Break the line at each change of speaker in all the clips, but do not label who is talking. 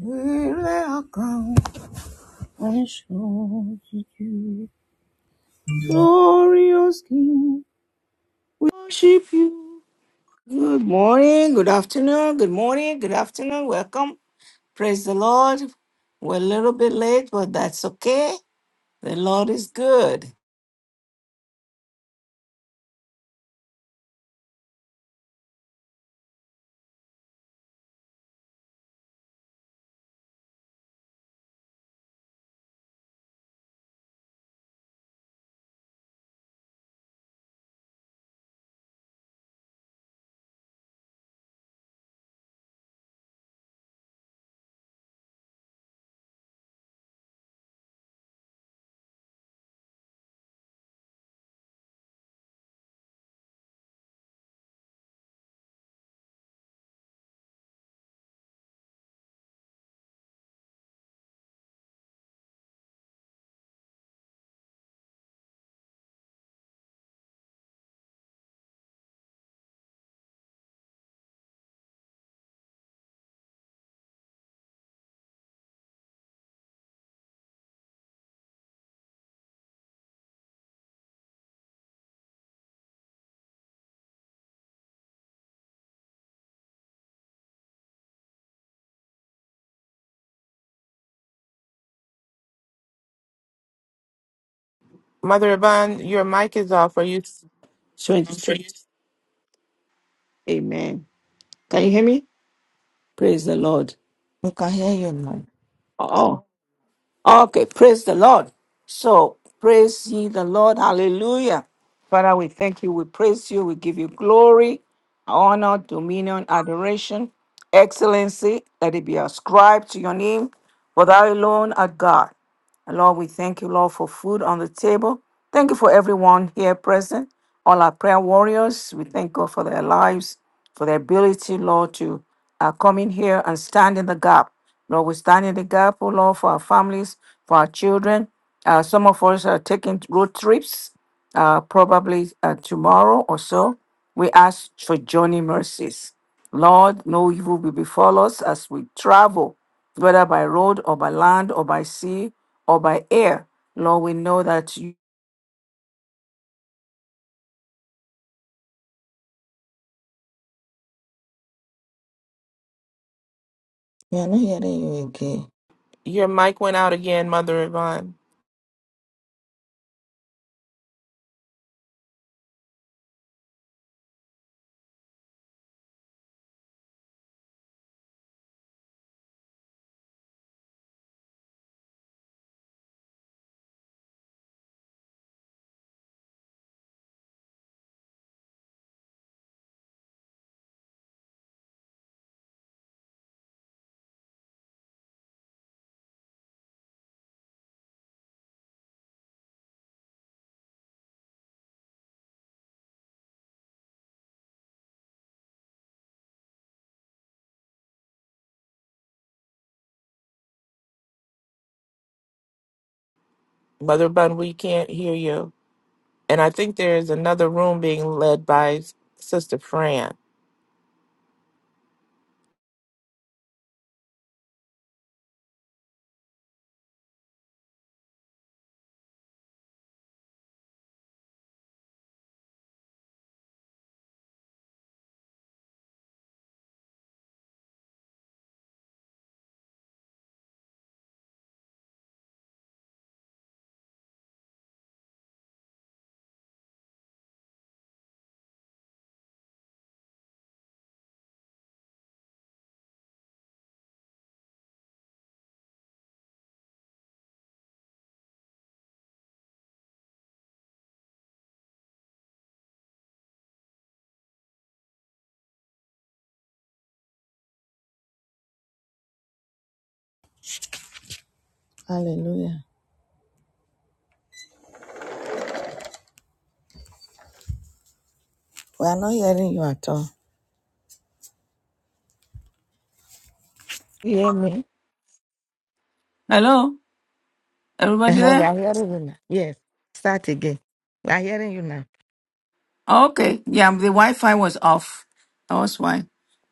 Miracle, I can show you. Glorious King, worship you. Good morning, good afternoon, good morning, good afternoon. Welcome. Praise the Lord. We're a little bit late, but that's okay. The Lord is good.
Mother Yvonne, your mic is off. Are you?
23. Amen. Can you hear me? Praise the Lord.
We can hear you now.
Oh. Okay, praise the Lord. So, praise ye the Lord. Hallelujah. Father, we thank you. We praise you. We give you glory, honor, dominion, adoration, excellency. Let it be ascribed to your name. For thou alone art God. And Lord, we thank you, Lord, for food on the table. Thank you for everyone here present, all our prayer warriors. We thank God for their lives, for their ability, Lord, to uh, come in here and stand in the gap. Lord, we stand in the gap, oh Lord, for our families, for our children. Uh, some of us are taking road trips uh, probably uh, tomorrow or so, we ask for journey mercies. Lord, no evil will befall us as we travel, whether by road or by land or by sea or by air. Lord, we know that you.
We are not hearing you again.
Your mic went out again, Mother Yvonne. Mother Yvonne, we can't hear you. And I think there is another room being led by Sister Fran.
Hallelujah. We are not hearing you at all. You hear me?
Hello, everybody
Uh-huh, we
there?
are hearing you now. Yes. Start again. We are hearing you now.
Okay, yeah, the Wi Fi was off. That was why.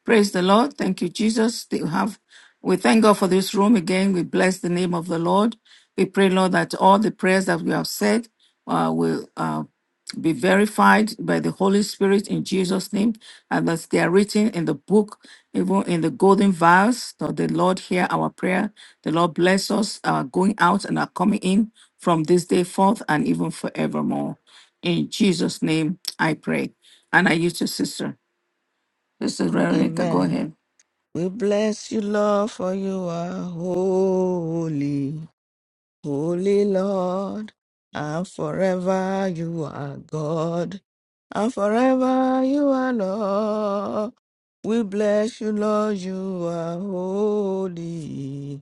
Praise the Lord. Thank you, Jesus. They have, we thank God for this room again. We bless the name of the Lord. We pray, Lord, that all the prayers that we have said uh, will uh, be verified by the Holy Spirit in Jesus' name, and that they are written in the book, even in the golden vials. So the Lord hear our prayer. The Lord bless us, our going out and our coming in from this day forth and even forevermore. In Jesus' name, I pray. And I use to sister. This is Veronica. Go
Amen.
ahead.
We bless you, Lord, for you are holy, holy Lord, and forever you are God, and forever you are Lord. We bless you, Lord, you are holy.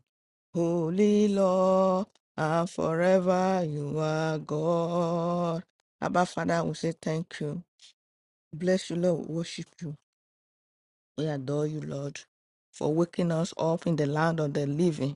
Holy Lord, and forever you are God. Abba Father, we say thank you. Bless you, Lord. We worship you. We adore you, Lord, for waking us up in the land of the living.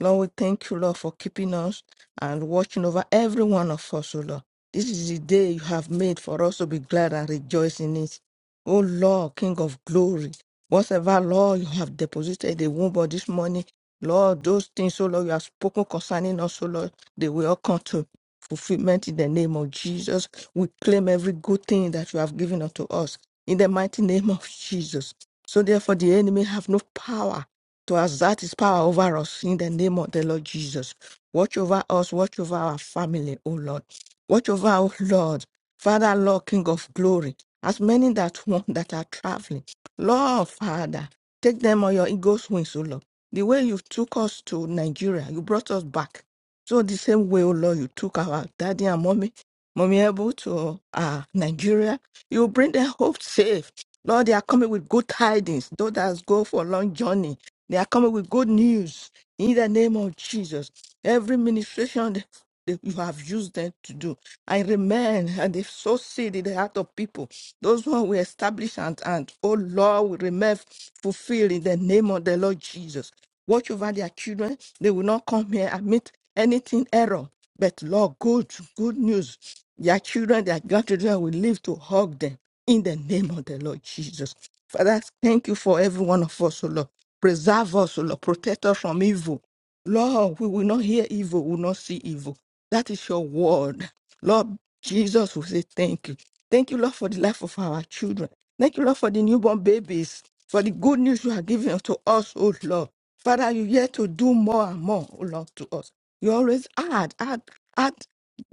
Lord, we thank you, Lord, for keeping us and watching over every one of us, O Lord. This is the day you have made for us to be glad and rejoice in it. O Lord, King of glory, whatever, Lord, you have deposited in the womb of this morning, Lord, those things, O Lord, you have spoken concerning us, O Lord, they will all come to fulfillment in the name of Jesus. We claim every good thing that you have given unto us in the mighty name of Jesus. So therefore, the enemy have no power to exert his power over us in the name of the Lord Jesus. Watch over us, watch over our family, O Lord. Watch over our Lord, Father, Lord, King of glory. As many that want that are traveling, Lord, Father, take them on your eagle's wings, O Lord. The way you took us to Nigeria, you brought us back. So the same way, O Lord, you took our daddy and mommy, mommy able to uh, Nigeria, you bring them home safe. Lord, they are coming with good tidings. Those that go for long journey, they are coming with good news in the name of Jesus. Every ministration that that you have used them to do. I remain and they so seed in the heart of people. Those who we establish and, and oh Lord, we remain fulfilled in the name of the Lord Jesus. Watch over their children. They will not come here admit anything error. But Lord, good, good news. Their children, their grandchildren will live to hug them in the name of the Lord Jesus. Father, thank you for every one of us, O Lord. Preserve us, O Lord. Protect us from evil. Lord, we will not hear evil, we will not see evil. That is your word. Lord Jesus, we say thank you. Thank you, Lord, for the life of our children. Thank you, Lord, for the newborn babies, for the good news you are giving to us, O Lord. Father, you yet to do more and more, O Lord, to us. You always add, add, add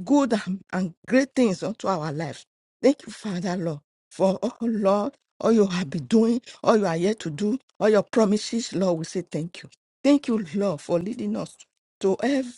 good and, and great things unto our lives. Thank you, Father, Lord, for, oh Lord all you have been doing, all you are yet to do, all your promises, Lord, we say thank you. Thank you, Lord, for leading us to every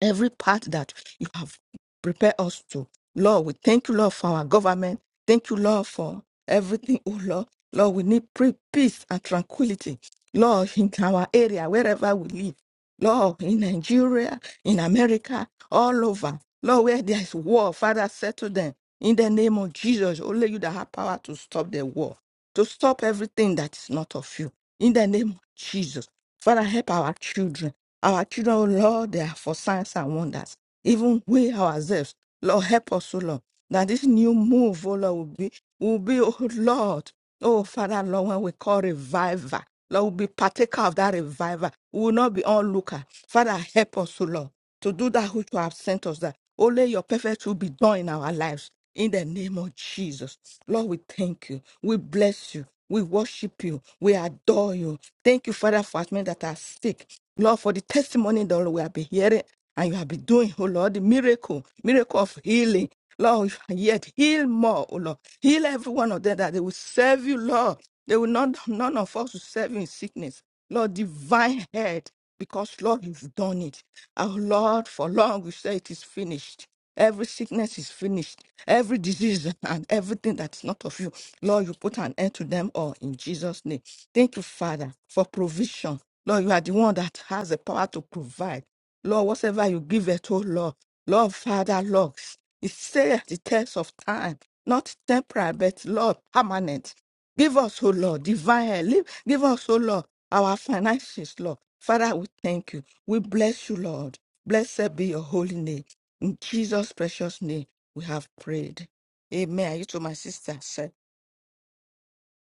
every part that you have prepared us to. Lord, we thank you, Lord, for our government. Thank you, Lord, for everything. Oh, Lord, Lord, we need pre- peace and tranquility. Lord, in our area, wherever we live. Lord, in Nigeria, in America, all over. Lord, where there is war, Father, settle them. In the name of Jesus, only you that have power to stop the war, to stop everything that is not of you. In the name of Jesus, Father, help our children. Our children, Lord, they are for signs and wonders even we ourselves. Lord, help us, O Lord, that this new move, O Lord, will be, will be, O Lord, oh Father, Lord, when we call revival, Lord, will be partaker of that revival. We will not be onlooker. Father, help us, O Lord, to do that which you have sent us, that only your perfect will be done in our lives. In the name of Jesus, Lord, we thank you. We bless you. We worship you. We adore you. Thank you, Father, for us men that are sick. Lord, for the testimony that we have been hearing and you have been doing, oh Lord, the miracle, miracle of healing. Lord, yet heal more, oh Lord. Heal every one of them that they will serve you, Lord. They will not, none of us will serve you in sickness. Lord, divine head, because Lord, you've done it. Our Lord, for long we say it is finished. Every sickness is finished. Every disease and everything that's not of you, Lord, you put an end to them all in Jesus' name. Thank you, Father, for provision. Lord, you are the one that has the power to provide. Lord, whatever you give it oh Lord, Lord, Father, Lord, it's stay the test of time, not temporary, but Lord, permanent. Give us, oh Lord, divine help. Give us, oh Lord, our finances, Lord. Father, we thank you. We bless you, Lord. Blessed be your holy name. In Jesus' precious name, we have prayed. Amen. Are You to my sister, Sarah.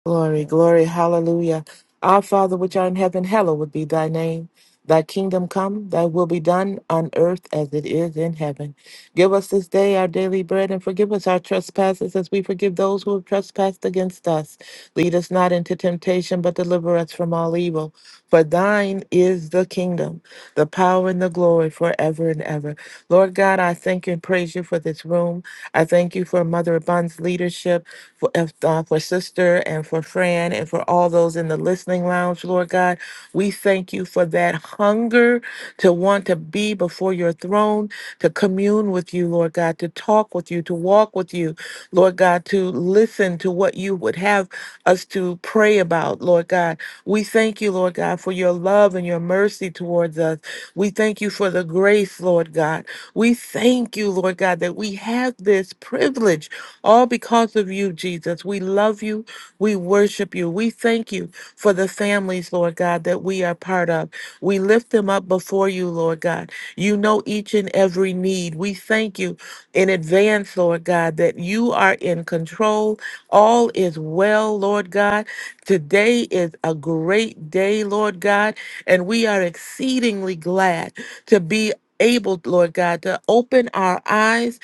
Glory, glory, hallelujah. Our Father, which art in heaven, hallowed would be thy name. Thy kingdom come, thy will be done on earth as it is in heaven. Give us this day our daily bread and forgive us our trespasses as we forgive those who have trespassed against us. Lead us not into temptation, but deliver us from all evil. For thine is the kingdom, the power, and the glory forever and ever. Lord God, I thank you and praise you for this room. I thank you for Mother Abund's leadership for, if, uh, for Sister and for Fran and for all those in the listening lounge, Lord God. We thank you for that hunger to want to be before your throne, to commune with you, Lord God, to talk with you, to walk with you, Lord God, to listen to what you would have us to pray about, Lord God. We thank you, Lord God, for your love and your mercy towards us. We thank you for the grace, Lord God. We thank you, Lord God, that we have this privilege all because of you, Jesus. We love you. We worship you. We thank you for the families, Lord God, that we are part of. We lift them up before you, Lord God. You know each and every need. We thank you in advance, Lord God, that you are in control. All is well, Lord God. Today is a great day, Lord God, and we are exceedingly glad to be able, Lord God, to open our eyes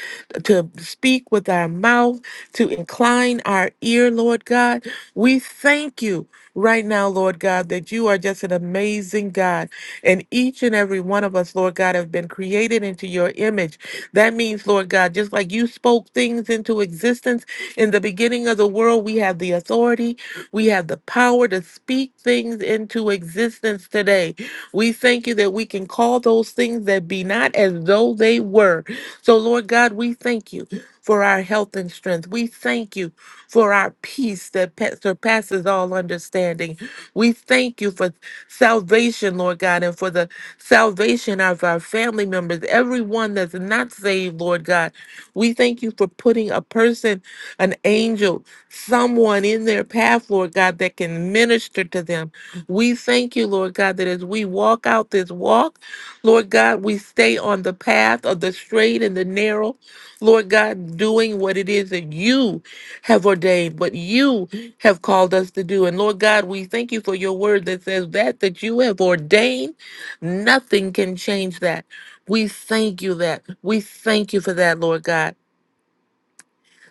to speak with our mouth, to incline our ear, Lord God. We thank you right now, Lord God, that you are just an amazing God. And each and every one of us, Lord God, have been created into your image. That means, Lord God, just like you spoke things into existence in the beginning of the world, we have the authority, we have the power to speak things into existence today. We thank you that we can call those things that be not as though they were. So, Lord God, we thank you for our health and strength. We thank you for our peace that pa- surpasses all understanding. We thank you for salvation, Lord God, and for the salvation of our family members, everyone that's not saved, Lord God. We thank you for putting a person, an angel, someone in their path, Lord God, that can minister to them. We thank you, Lord God, that as we walk out this walk, Lord God, we stay on the path of the straight and the narrow. Lord God, doing what it is that you have ordained, what you have called us to do. And Lord God, we thank you for your word that says that that you have ordained, nothing can change that. We thank you that. We thank you for that, Lord God.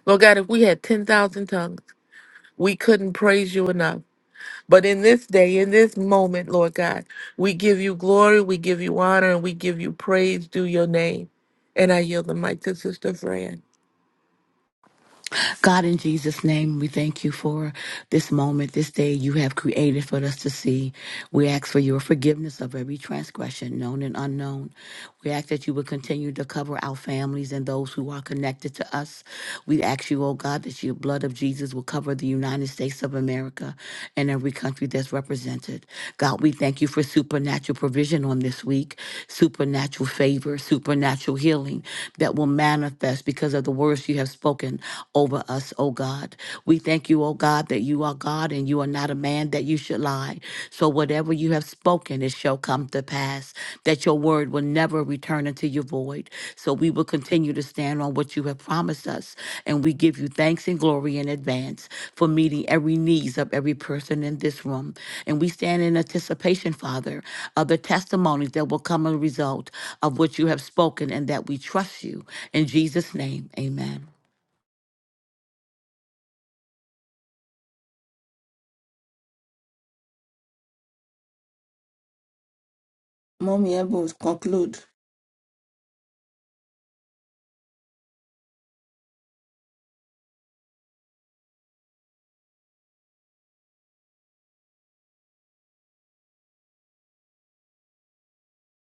Lord God, if we had 10,000 tongues, we couldn't praise you enough. But in this day, in this moment, Lord God, we give you glory, we give you honor, and we give you praise due your name. And I yield the mic to Sister Fran.
God, in Jesus' name, we thank you for this moment, this day you have created for us to see. We ask for your forgiveness of every transgression, known and unknown. We ask that you would continue to cover our families and those who are connected to us. We ask you, oh God, that your blood of Jesus will cover the United States of America and every country that's represented. God, we thank you for supernatural provision on this week, supernatural favor, supernatural healing that will manifest because of the words you have spoken over us, O God. We thank you, O God, that you are God and you are not a man that you should lie. So whatever you have spoken, it shall come to pass, that your word will never return unto your void. So we will continue to stand on what you have promised us. And we give you thanks and glory in advance for meeting every needs of every person in this room. And we stand in anticipation, Father, of the testimonies that will come as a result of what you have spoken and that we trust you. In Jesus' name, amen.
Mommy Ebo, conclude.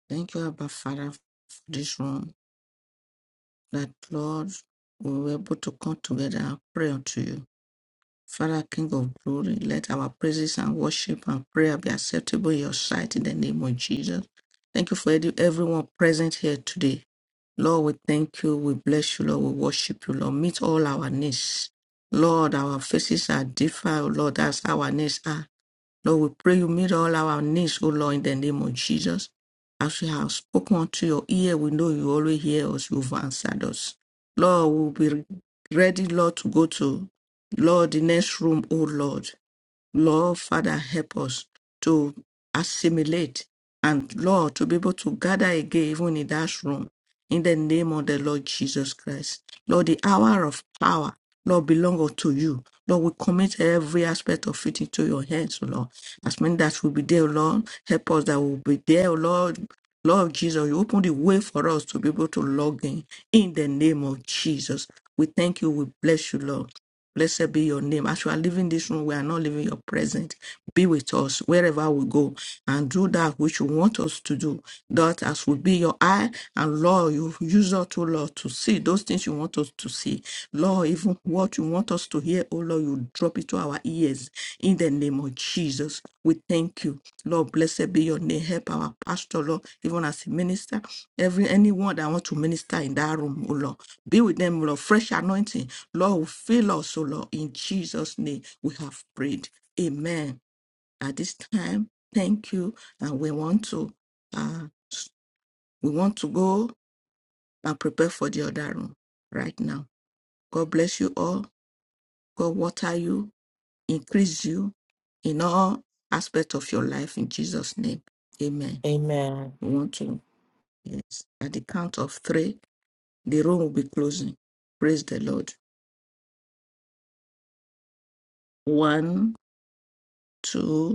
Thank you, Abba Father, for this room. that, Lord, we were able to come together and pray unto you. Father, King of glory, let our praises and worship and prayer be acceptable in your sight in the name of Jesus. Thank you for every- everyone present here today. Lord, we thank you. We bless you, Lord. We worship you, Lord. Meet all our needs. Lord, our faces are different, Lord. That's our needs are. Lord, we pray you meet all our needs, O Lord, in the name of Jesus. As we have spoken unto your ear, we know you always hear us, you've answered us. Lord, we'll be ready, Lord, to go to, Lord, the next room, O Lord. Lord, Father, help us to assimilate and, Lord, to be able to gather again, even in that room, in the name of the Lord Jesus Christ. Lord, the hour of power, Lord, belong unto you. Lord, we commit every aspect of it into your hands, O Lord. As many that will be there, O Lord, help us that will be there, O Lord. Lord Jesus, you open the way for us to be able to log in in the name of Jesus. We thank you. We bless you, Lord. Blessed be your name. As we are leaving this room, we are not leaving your presence. Be with us wherever we go and do that which you want us to do. That as will be your eye, and Lord, you use us, to Lord, to see those things you want us to see. Lord, even what you want us to hear, oh Lord, you drop it to our ears in the name of Jesus. We thank you. Lord, blessed be your name. Help our pastor, Lord, even as a minister. Every anyone that wants to minister in that room, oh Lord. Be with them, Lord. Fresh anointing Lord, fill us, O Lord, in Jesus' name we have prayed. Amen. At this time, thank you. And we want to uh s- we want to go and prepare for the other room right now. God bless you all. God water you, increase you in all aspects of your life in Jesus' name. Amen.
Amen.
We want to, yes. At the count of three, the room will be closing. Praise the Lord. One, two.